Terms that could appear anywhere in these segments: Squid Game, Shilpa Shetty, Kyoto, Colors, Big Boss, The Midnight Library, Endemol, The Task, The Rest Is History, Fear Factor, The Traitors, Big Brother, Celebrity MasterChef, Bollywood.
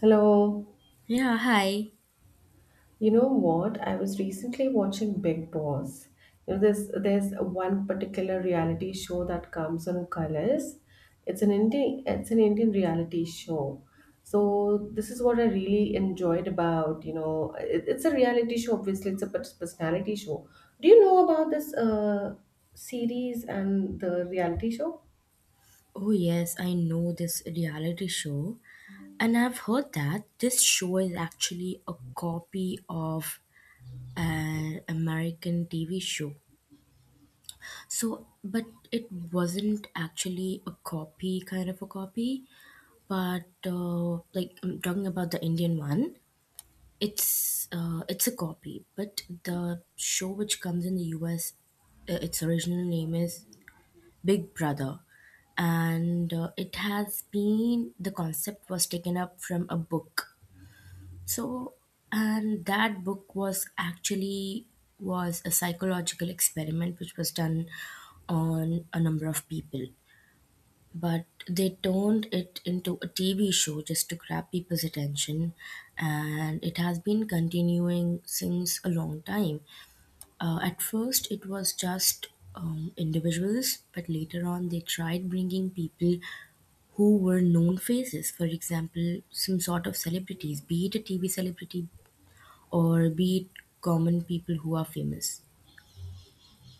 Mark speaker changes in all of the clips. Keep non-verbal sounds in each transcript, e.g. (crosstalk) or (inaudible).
Speaker 1: Hello.
Speaker 2: Yeah, hi.
Speaker 1: You know what? I was recently watching Big Boss. You know, there's one particular reality show that comes on Colors. It's an Indian reality show. So this is what I really enjoyed about. It's a reality show. Obviously, it's a personality show. Do you know about this series and the reality show?
Speaker 2: Oh, yes, I know this reality show. And I've heard that this show is actually a copy of an American TV show. But it wasn't actually a copy, kind of a copy. I'm talking about the Indian one. It's a copy, but the show which comes in the US, its original name is Big Brother, and it has been the concept was taken up from a book. So, and that book was a psychological experiment which was done on a number of people. But they turned it into a TV show just to grab people's attention, and it has been continuing since a long time. At first, it was just individuals, but later on, they tried bringing people who were known faces. For example, some sort of celebrities, be it a TV celebrity or be it common people who are famous.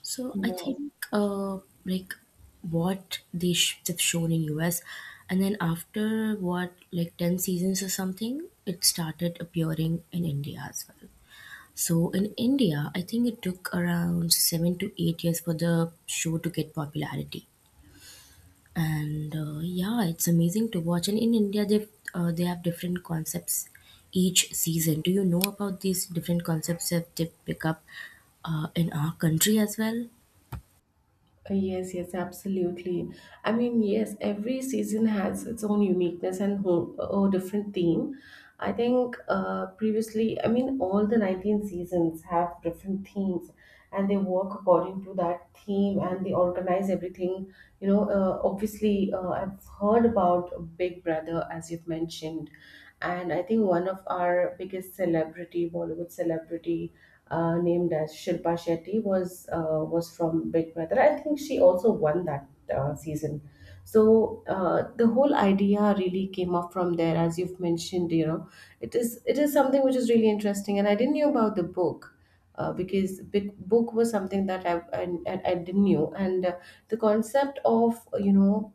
Speaker 2: So I
Speaker 1: No.
Speaker 2: think like have shown in US, and then after what like ten seasons or something, it started appearing in India as well. So in India, I think it took around 7 to 8 years for the show to get popularity. And yeah, it's amazing to watch. And in India, they have different concepts each season. Do you know about these different concepts that they pick up in our country as well?
Speaker 1: Yes, yes, absolutely. I mean, yes, every season has its own uniqueness and whole, a different theme. I think previously, I mean, all the 19 seasons have different themes, and they work according to that theme and they organize everything. You know, obviously, I've heard about Big Brother, as you've mentioned, and I think one of our biggest celebrity, Bollywood celebrity, named as Shilpa Shetty, was from Big Brother. I think she also won that season. So the whole idea really came up from there, as you've mentioned. You know, it is something which is really interesting, and I didn't know about the book. Because big book was something that I didn't knew, and the concept of,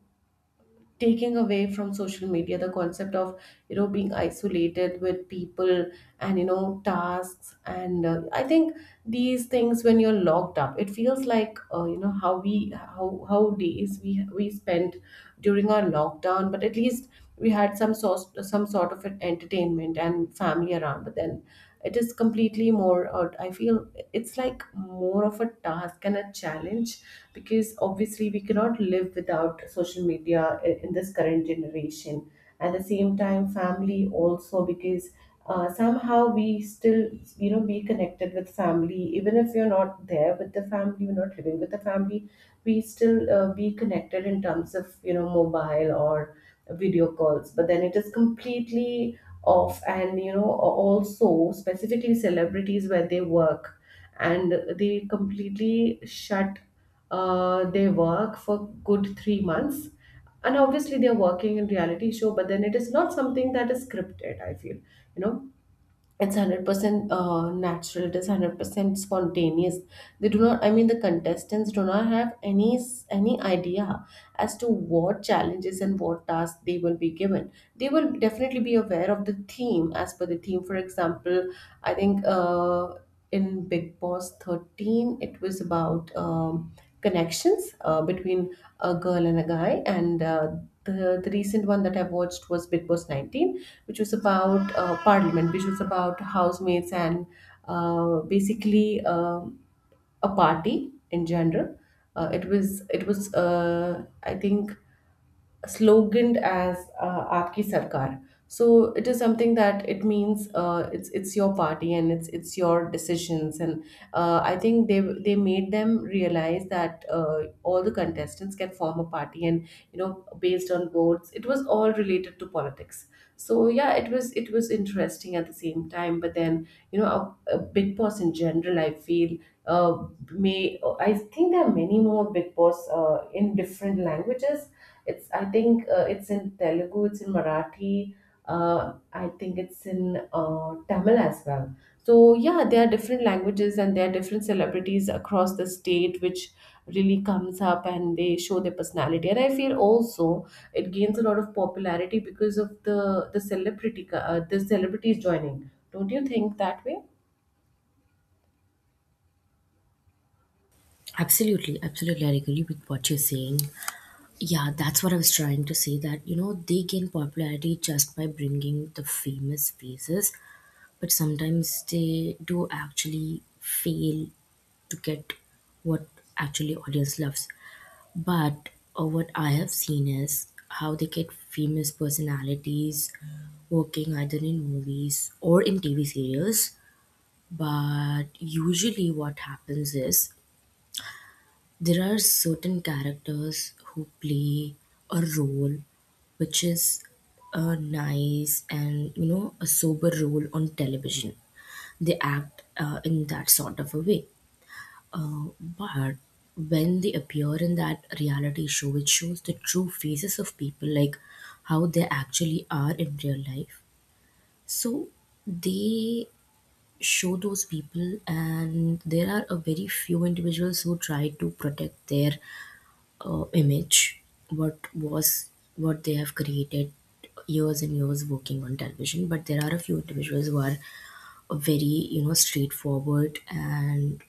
Speaker 1: taking away from social media, the concept of, being isolated with people, and, tasks. And I think these things, when you're locked up, it feels like, you know how we, how days we spent during our lockdown. But at least we had some sort of an entertainment and family around. But then it is completely more. I feel it's like more of a task and a challenge, because obviously we cannot live without social media in this current generation. At the same time, family also, because somehow we still, be connected with family, even if you're not there with the family, you're not living with the family. We still be connected in terms of, mobile or video calls. But then it is completely off. And, also specifically celebrities, where they work and they completely shut their work for good 3 months. And obviously they're working in reality show, but then it is not something that is scripted, I feel. It's 100% natural, it is 100% spontaneous. They do not, I mean, the contestants do not have any idea as to what challenges and what tasks they will be given. They will definitely be aware of the theme, as per the theme. For example, I think, in Big Boss 13, it was about connections, between a girl and a guy. And the recent one that I watched was Big Boss 19, which was about parliament, which was about housemates and basically a party in general. It was I think sloganed as "Aapki Sarkar." So it is something that, it means, it's your party and it's your decisions. And I think they made them realize that all the contestants can form a party, and, based on votes, it was all related to politics. So yeah, it was interesting at the same time. But then, a Big Boss in general, I feel, may I think there are many more Big Boss in different languages. It's I think it's in Telugu, it's in Marathi, uh, I think it's in Tamil as well. So yeah, there are different languages, and there are different celebrities across the state which really comes up and they show their personality. And I feel also it gains a lot of popularity because of the celebrity, the celebrities joining. Don't you think that way?
Speaker 2: Absolutely, absolutely. I agree with what you're saying. Yeah, that's what I was trying to say that, you know, they gain popularity just by bringing the famous faces, but sometimes they do actually fail to get what actually audience loves, but what I have seen is how they get famous personalities working either in movies or in TV serials. But usually what happens is there are certain characters who play a role which is a nice and you know a sober role on television. They act in that sort of a way. But when they appear in that reality show, it shows the true faces of people, like how they actually are in real life. So they show those people, and there are a very few individuals who try to protect their image, what was what they have created years and years working on television. But there are a few individuals who are very, you know, straightforward, and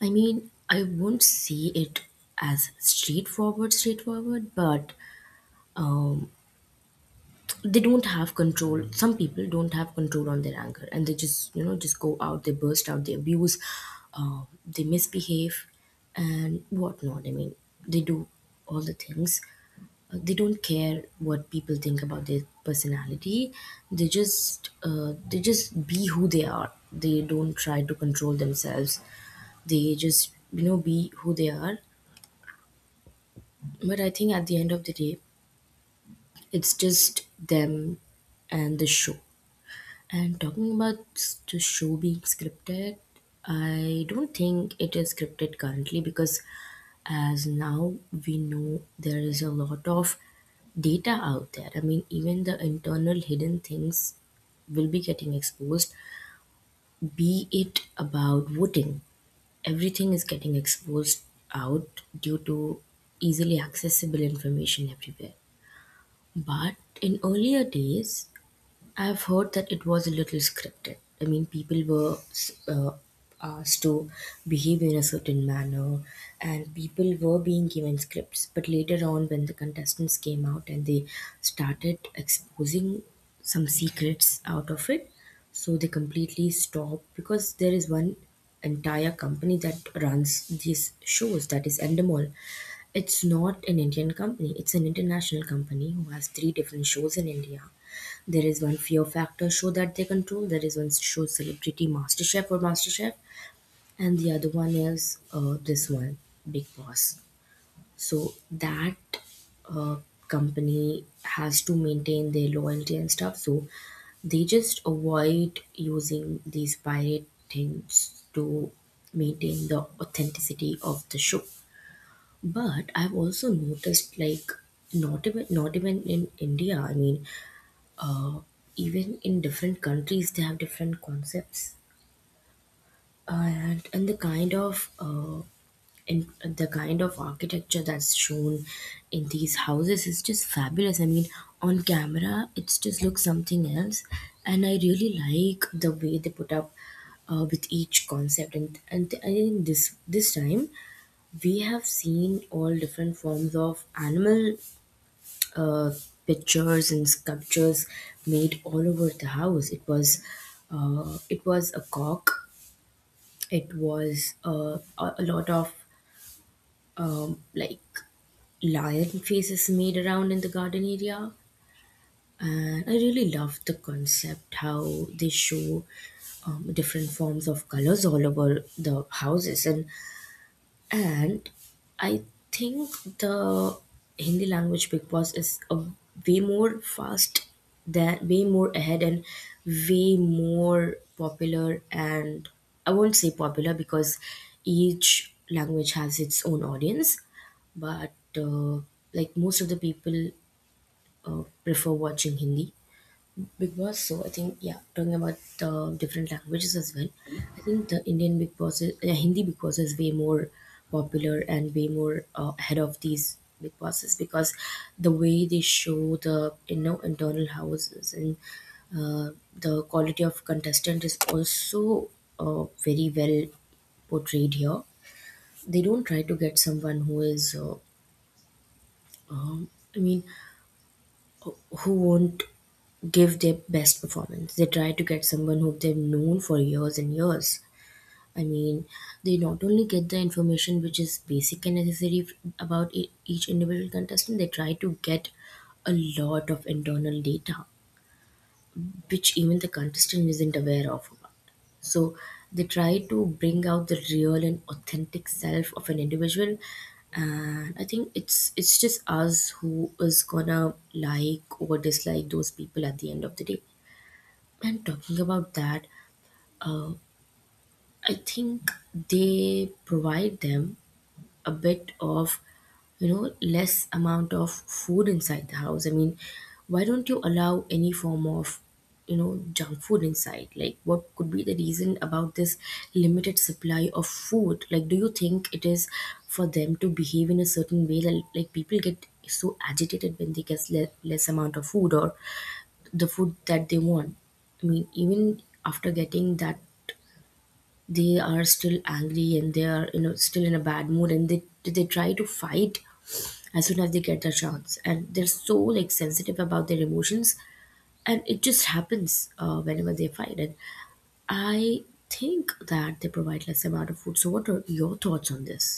Speaker 2: I mean I won't see it as straightforward, but um, they don't have control. Some people don't have control on their anger, and they just, you know, just go out, they burst out, they abuse, they misbehave and whatnot. I mean, they do all the things. They don't care what people think about their personality. They just be who they are, they don't try to control themselves, they just, you know, be who they are. But I think at the end of the day, it's just them and the show. And talking about the show being scripted, I don't think it is scripted currently because as now we know there is a lot of data out there. I mean, even the internal hidden things will be getting exposed, be it about voting. Everything is getting exposed out due to easily accessible information everywhere. But in earlier days, I've heard that it was a little scripted. I mean, people were uh, asked to behave in a certain manner, and people were being given scripts. But later on, when the contestants came out and they started exposing some secrets out of it, so they completely stopped because there is one entire company that runs these shows, that is endemol. It's not an Indian company, it's an international company who has three different shows in India. There is one Fear Factor show that they control. There is one show Celebrity MasterChef or MasterChef, and the other one is this one, Big Boss. So that uh, company has to maintain their loyalty and stuff. So they just avoid using these pirate things to maintain the authenticity of the show. But I've also noticed like not even in India. I mean, uh, even in different countries they have different concepts. And the kind of in the kind of architecture that's shown in these houses is just fabulous. I mean, on camera it's just looks something else, and I really like the way they put up with each concept. And I think this time we have seen all different forms of animal uh, pictures and sculptures made all over the house. It was a cock. It was a lot of um, like lion faces made around in the garden area. And I really loved the concept how they show different forms of colors all over the houses. And I think the Hindi language Big Boss is a way more fast than way more ahead and way more popular, and I won't say popular because each language has its own audience, but like most of the people prefer watching Hindi Big Boss. So I think, yeah, talking about the different languages as well, I think the Indian Big Boss, is, Hindi Big Boss is way more popular and way more ahead of these Big Bosses because the way they show the, you know, internal houses, and the quality of contestant is also very well portrayed here. They don't try to get someone who is, um, I mean, who won't give their best performance. They try to get someone who they've known for years and years. I mean, they not only get the information which is basic and necessary about each individual contestant, they try to get a lot of internal data which even the contestant isn't aware of about. So they try to bring out the real and authentic self of an individual. And I think it's just us who is gonna like or dislike those people at the end of the day. And talking about that, uh, I think they provide them a bit of, you know, less amount of food inside the house. I mean, why don't you allow any form of, you know, junk food inside? Like, what could be the reason about this limited supply of food? Like, do you think it is for them to behave in a certain way, like people get so agitated when they get less amount of food or the food that they want? I mean, even after getting that, they are still angry and they are, you know, still in a bad mood, and they try to fight as soon as they get the chance, and they're so like sensitive about their emotions. And it just happens whenever they fight. And I think that they provide less amount of food, so what are your thoughts on this?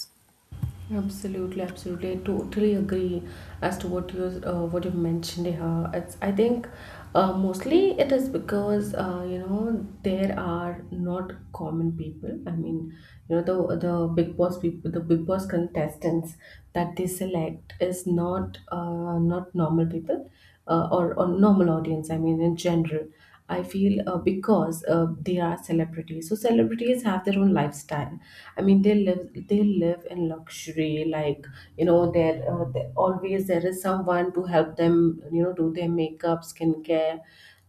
Speaker 1: Absolutely, absolutely. I totally agree as to what you mentioned here. It's I think, mostly it is because, there are not common people. I mean, the Big Boss people, the Big Boss contestants that they select, is not normal people, or normal audience. I mean, in general, I feel, because they are celebrities. So celebrities have their own lifestyle. I mean, they live in luxury. Like, always there is someone to help them. You know, do their makeup, skincare,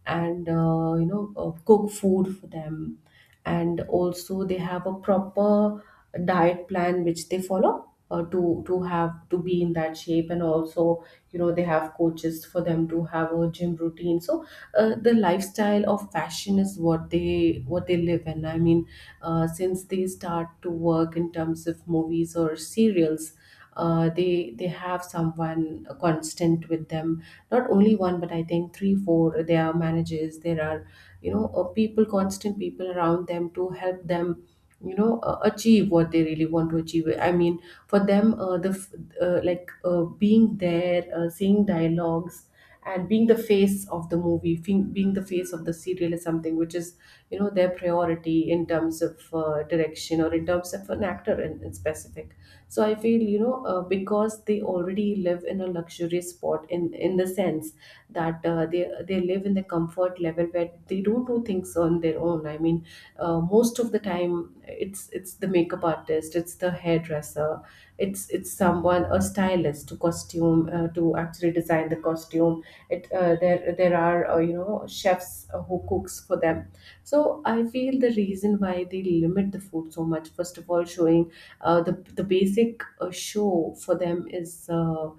Speaker 1: and, cook food for them. And also, they have a proper diet plan which they follow. To have to be in that shape. And also, they have coaches for them to have a gym routine. So the lifestyle of fashion is what they live in. I mean, since they start to work in terms of movies or serials, they have someone constant with them. Not only one, but I think three four there are managers. There are, people constant people around them to help them, achieve what they really want to achieve. I mean, for them, like, being there, seeing dialogues, and being the face of the movie, being the face of the serial, is something which is, their priority in terms of direction, or in terms of an actor, in specific. So I feel, because they already live in a luxurious spot, in the sense that they live in the comfort level where they don't do things on their own. I mean, most of the time, it's the makeup artist, it's the hairdresser, it's someone, a stylist to costume, to actually design the costume. It uh, there there are, chefs, who cooks for them. So I feel the reason why they limit the food so much, first of all, showing the basic show for them is,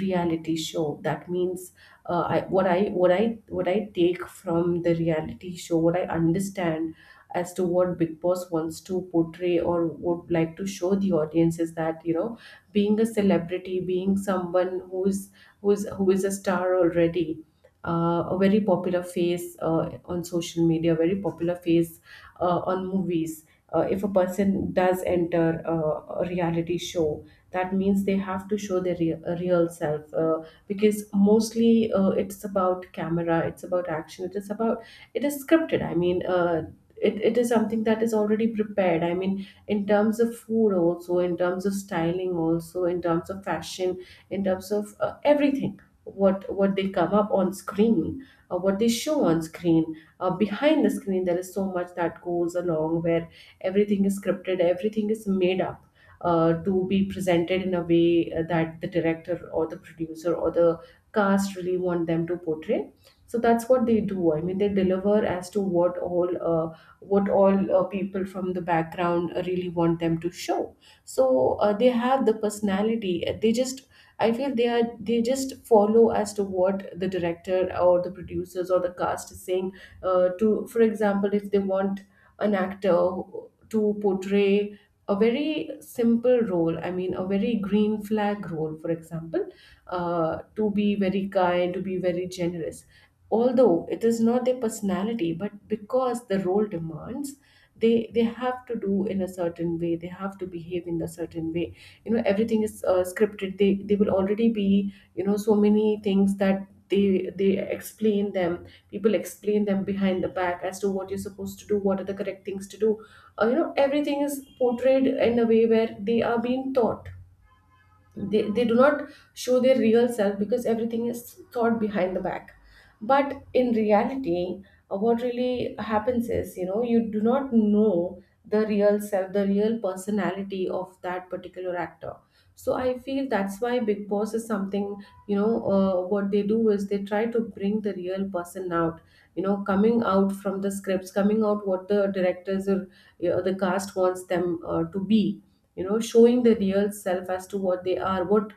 Speaker 1: reality show. That means, I, what I what I what I take from the reality show, what I understand as to what Big Boss wants to portray, or would like to show the audience, is that, being a celebrity, being someone who is a star already, a very popular face on social media, very popular face on movies. If a person does enter a reality show, that means they have to show their real, real self, because mostly it's about camera, it's about action, it is scripted. I mean, it is something that is already prepared. I mean, in terms of food, also in terms of styling, also in terms of fashion, in terms of, everything, what they come up on screen, what they show on screen. Behind the screen, there is so much that goes along, where everything is scripted, everything is made up, to be presented in a way, that the director or the producer or the cast really want them to portray. So that's what they do. I mean, they deliver as to what all, people from the background really want them to show. So they have the personality. They just, I feel, they are, they just follow as to what the director or the producers or the cast is saying. To For example, if they want an actor to portray a very simple role, I mean a very green flag role, for example, to be very kind, to be very generous. Although it is not their personality, but because the role demands, they have to do in a certain way. They have to behave in a certain way, everything is scripted. They will already be, so many things that they explain them, people explain them behind the back as to what you're supposed to do, what are the correct things to do. Everything is portrayed in a way where they are being taught. They do not show their real self because everything is thought behind the back. But in reality, what really happens is, you do not know the real self, the real personality of that particular actor. So I feel that's why Big Boss is something. What they do is they try to bring the real person out, coming out from the scripts, coming out what the directors or, the cast wants them to be, showing the real self as to what they are, what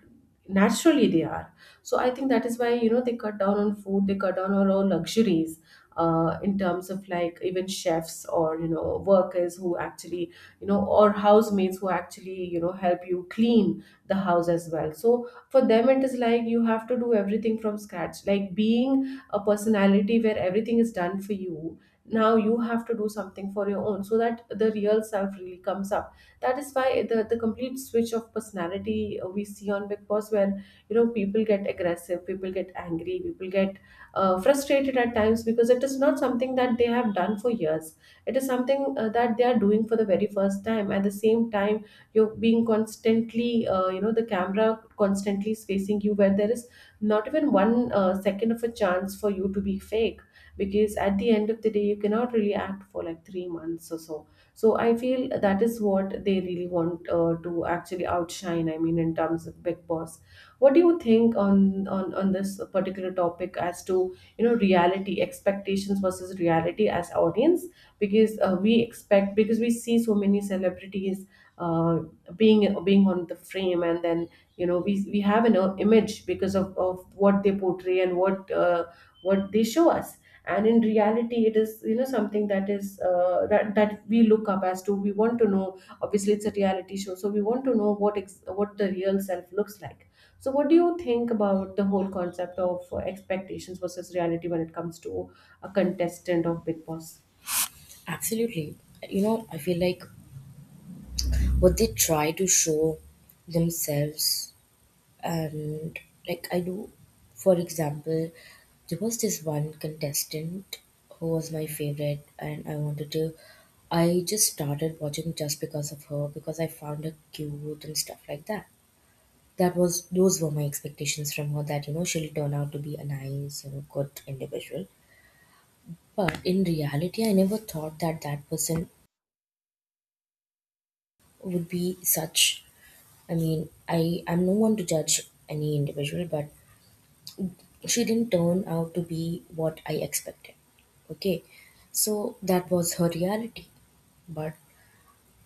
Speaker 1: naturally they are. So I think that is why, they cut down on food, they cut down on all luxuries, in terms of like even chefs, or workers who actually, or housemaids who actually, help you clean the house as well. So for them it is like you have to do everything from scratch, like being a personality where everything is done for you. Now you have to do something for your own, so that the real self really comes up. That is why the complete switch of personality we see on Big Boss, where, people get aggressive, people get angry, people get frustrated at times, because it is not something that they have done for years. It is something that they are doing for the very first time. At the same time, you're being constantly the camera constantly is facing you, where there is not even one second of a chance for you to be fake, because at the end of the day you cannot really act for like 3 months or so. So I feel that is what they really want, to actually outshine, I mean, in terms of Big Boss. What do you think on on this particular topic, as to, reality, expectations versus reality, as audience? Because we expect, because we see so many celebrities uh, being on the frame, and then, we have an image because of what they portray and what they show us. And in reality it is, something that is that we look up as to, we want to know. Obviously it's a reality show, so we want to know what what the real self looks like. So what do you think about the whole concept of expectations versus reality when it comes to a contestant of Big Boss?
Speaker 2: Absolutely. You know, I feel like what they try to show themselves, and like I know, for example, there was this one contestant who was my favorite, and I wanted to. I just started watching just because of her because I found her cute and stuff like that. That was, those were my expectations from her, that you know she'll turn out to be a nice, you know, good individual. But in reality, I never thought that that person would be such. I mean, I'm no one to judge any individual, but she didn't turn out to be what I expected. Okay, so that was her reality. But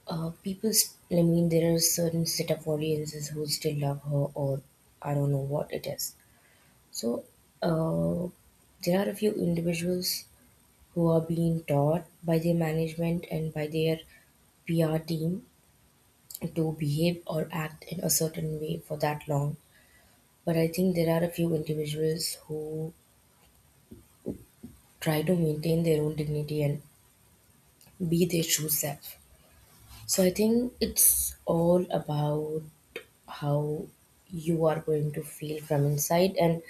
Speaker 2: people, I mean, there are certain set of audiences who still love her, or I don't know what it is. So uh, there are a few individuals who are being taught by their management and by their PR team to behave or act in a certain way for that long. But I think there are a few individuals who try to maintain their own dignity and be their true self. So I think it's all about how you are going to feel from inside, and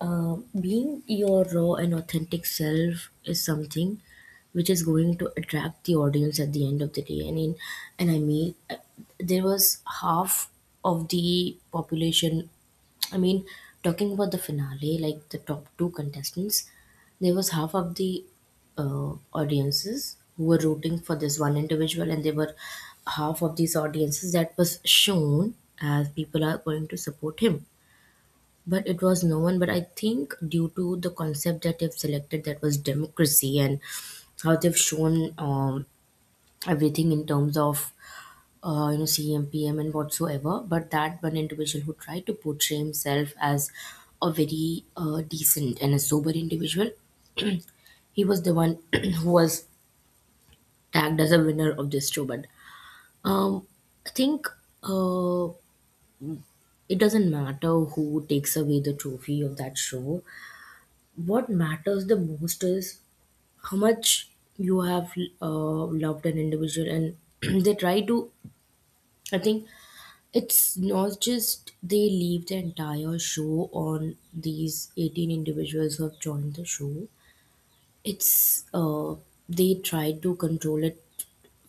Speaker 2: being your raw and authentic self is something which is going to attract the audience at the end of the day. I mean, there was half of the population, I mean, talking about the finale, like the top two contestants, there was half of the audiences who were rooting for this one individual, and there were half of these audiences that was shown as people are going to support him. But it was no one. But I think due to the concept that they've selected, that was democracy, and how they've shown everything in terms of you know CM PM and whatsoever. But that one individual who tried to portray himself as a very decent and a sober individual, he was the one (clears throat) who was tagged as a winner of this show. But um, I think uh, it doesn't matter who takes away the trophy of that show. What matters the most is how much you have loved an individual, and (clears throat) they try to. I think it's not just they leave the entire show on these 18 individuals who have joined the show. It's They try to control it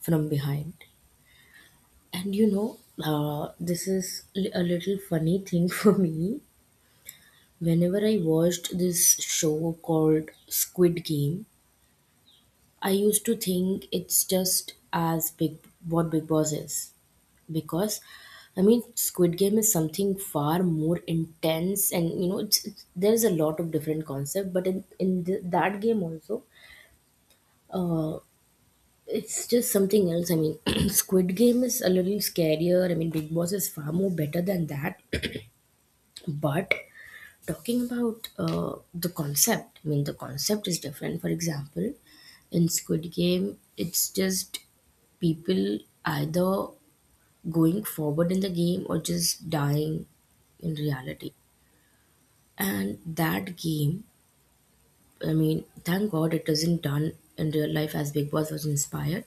Speaker 2: from behind. And this is a little funny thing (laughs) for me. Whenever I watched this show called Squid Game, I used to think it's just as big what Big Boss is, because I mean Squid Game is something far more intense, and you know there's a lot of different concept, but in that game also, uh, it's just something else. I mean (clears throat) Squid Game is a little scarier. I mean Big Boss is far more better than that. (clears throat) But talking about the concept, I mean the concept is different. For example, in Squid Game it's just people either going forward in the game or just dying in reality. And that game, I mean, thank God it isn't done in real life as Big Boss was inspired.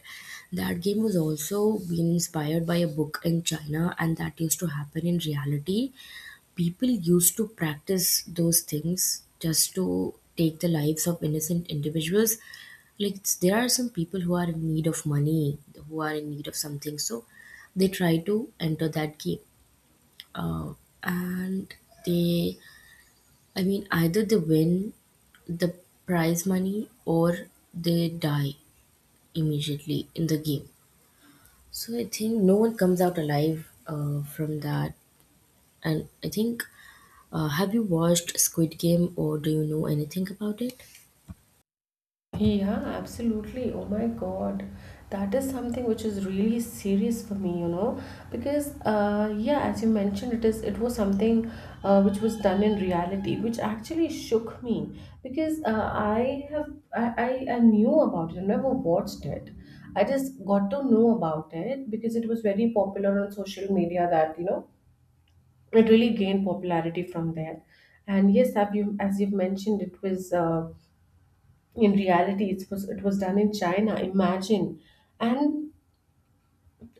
Speaker 2: That game was also being inspired by a book in China, and that used to happen in reality. People used to practice those things just to take the lives of innocent individuals. Like, there are some people who are in need of money, who are in need of something, so they try to enter that game, uh, and they, I mean, either they win the prize money or they die immediately in the game. So I think no one comes out alive from that. And I think, have you watched Squid Game or do you know anything about it?
Speaker 1: Yeah, absolutely. Oh my God. That is something which is really serious for me, because yeah, as you mentioned, it is, it was something which was done in reality, which actually shook me, because I knew about it, I never watched it. I just got to know about it because it was very popular on social media, that, it really gained popularity from there. And yes, as you as you've mentioned, it was. In reality it was, it was done in China. Imagine. And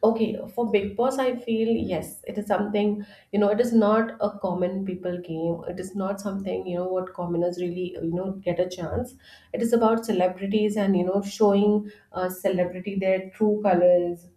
Speaker 1: okay, for Big Boss, I feel yes, it is something, it is not a common people game, it is not something, what commoners really, get a chance. It is about celebrities, and, showing celebrity their true colors.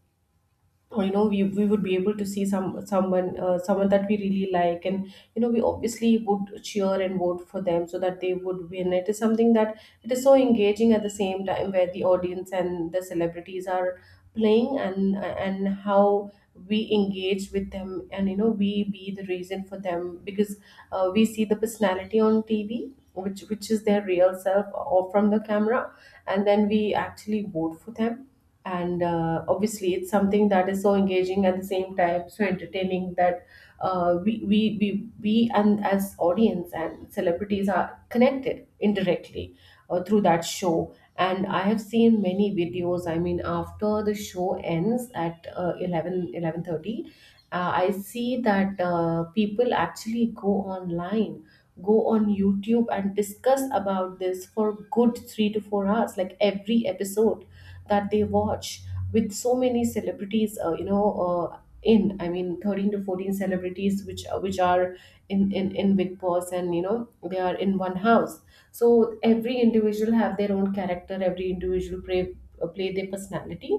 Speaker 1: Or, we would be able to see some, someone someone that we really like, and, we obviously would cheer and vote for them, so that they would win. It is something that it is so engaging at the same time, where the audience and the celebrities are playing, and how we engage with them, and, we be the reason for them. Because we see the personality on TV which is their real self, or from the camera, and then we actually vote for them. And obviously it's something that is so engaging at the same time, so entertaining, that we and as audience and celebrities are connected indirectly through that show. And I have seen many videos. I mean, after the show ends at 11 11:30, I see that people actually go online, go on youtube and discuss about this for good 3 to 4 hours, like every episode that they watch, with so many celebrities in, I mean 13 to 14 celebrities which are in Big Boss, and, they are in one house. So every individual have their own character, every individual play play their personality,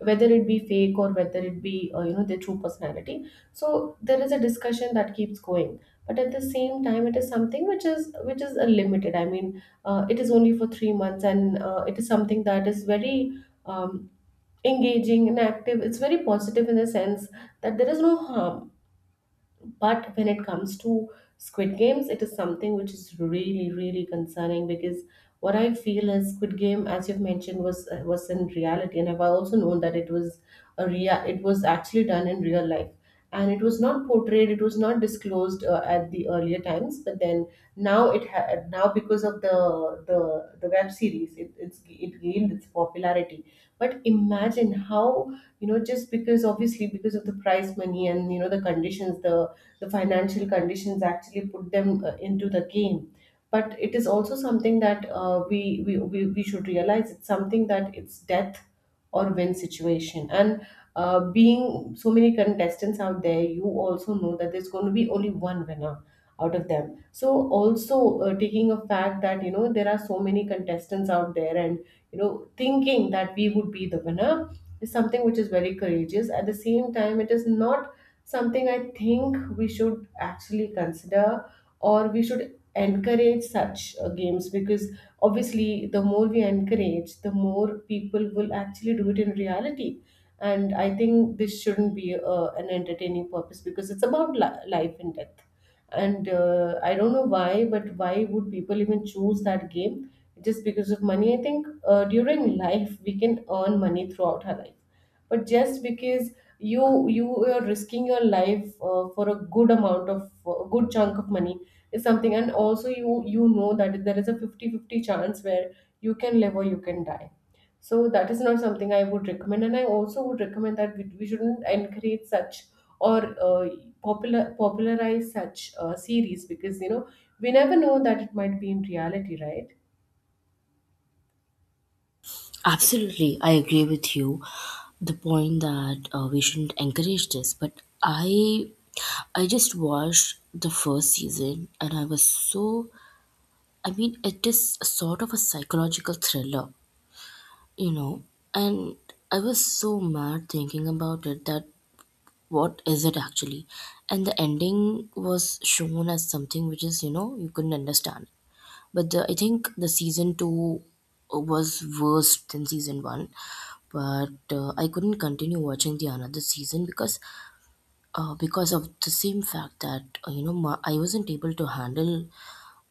Speaker 1: whether it be fake, or whether it be their true personality. So there is a discussion that keeps going. But at the same time, it is something which is, limited. I mean, it is only for 3 months, and it is something that is very, um, engaging and active. It's very positive in the sense that there is no harm. But when it comes to Squid Games, it is something which is really, really concerning. Because what I feel is, Squid Game, as you've mentioned, was in reality, and I've also known that it was a real, it was actually done in real life. And it was not portrayed, it was not disclosed at the earlier times. But then now it now because of the web series, it gained its popularity. But imagine how, just because, obviously because of the prize money, and, the conditions, the financial conditions actually put them into the game. But it is also something that we should realize. It's something that it's death or win situation. And being so many contestants out there, you also know that there's going to be only one winner out of them. So also, taking a fact that, there are so many contestants out there, and, thinking that we would be the winner is something which is very courageous. At the same time, it is not something I think we should actually consider, or we should encourage such games. Because obviously the more we encourage, the more people will actually do it in reality. And I think this shouldn't be an entertaining purpose, because it's about life and death. And I don't know why, but why would people even choose that game? Just because of money? I think during life we can earn money throughout our life. But just because you are risking your life for a good amount, of a good chunk of money, is something. And also you know that there is a 50 50 chance where you can live or you can die. So that is not something I would recommend. And I also would recommend that we shouldn't encourage such, or popularize such series. Because, we never know that it might be in reality, right?
Speaker 2: Absolutely, I agree with you the point that we shouldn't encourage this, but I just watched the first season and I was so, I mean, it is a sort of a psychological thriller, you know. And I was so mad thinking about it that what is it actually? And the ending was shown as something which is, you know, you couldn't understand. But the, I think the season two was worse than season one. But I couldn't continue watching the another season because of the same fact that you know, I wasn't able to handle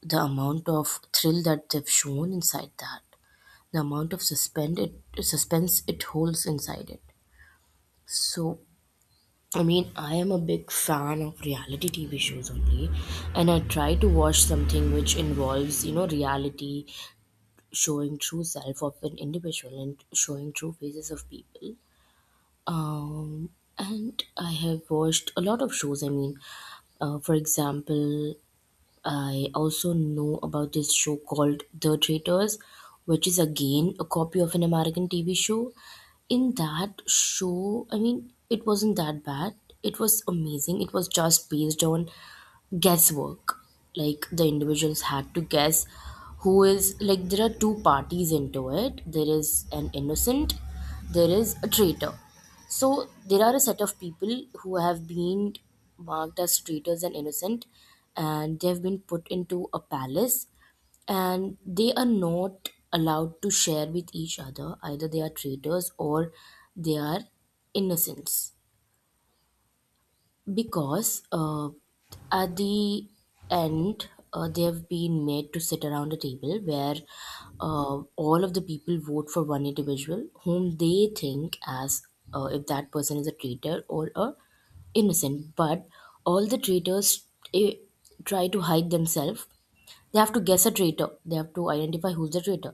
Speaker 2: the amount of thrill that they've shown inside that, the amount of suspend suspense it holds inside it. So, I mean, I am a big fan of reality TV shows only, and I try to watch something which involves, you know, reality, showing true self of an individual and showing true faces of people. Um, and I have watched a lot of shows. I mean, for example, I also know about this show called The Traitors, which is again a copy of an American TV show. In that show, I mean, it wasn't that bad. It was amazing. It was just based on guesswork. Like the individuals had to guess who is, like there are two parties into it. There is an innocent, there is a traitor. So there are a set of people who have been marked as traitors and innocent, and they have been put into a palace, and they are not allowed to share with each other either they are traitors or they are innocents. Because at the end, they have been made to sit around a table where all of the people vote for one individual whom they think as, if that person is a traitor or a innocent. But all the traitors, eh, try to hide themselves. They have to guess a traitor, they have to identify who's the traitor,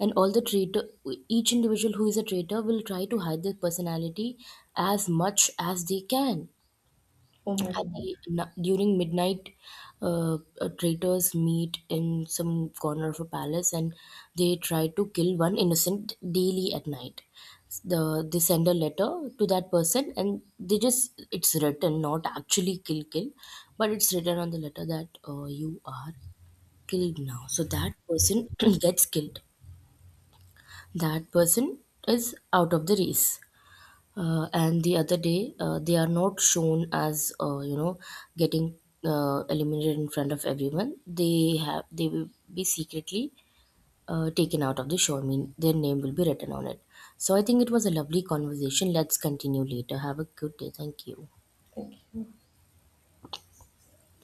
Speaker 2: and all the traitor, each individual who is a traitor will try to hide their personality as much as they can.
Speaker 1: Oh my
Speaker 2: At
Speaker 1: God!
Speaker 2: the during midnight, uh, traitors meet in some corner of a palace and they try to kill one innocent daily at night. The, they send a letter to that person, and they just, it's written not actually kill kill, but it's written on the letter that you are killed now. So that person (clears throat) gets killed, that person is out of the race. And the other day, they are not shown as, you know, getting eliminated in front of everyone. They have, they will be secretly taken out of the show, I mean their name will be written on it. So I think it was a lovely conversation. Let's continue later, have a good day, thank you.
Speaker 1: Thank you.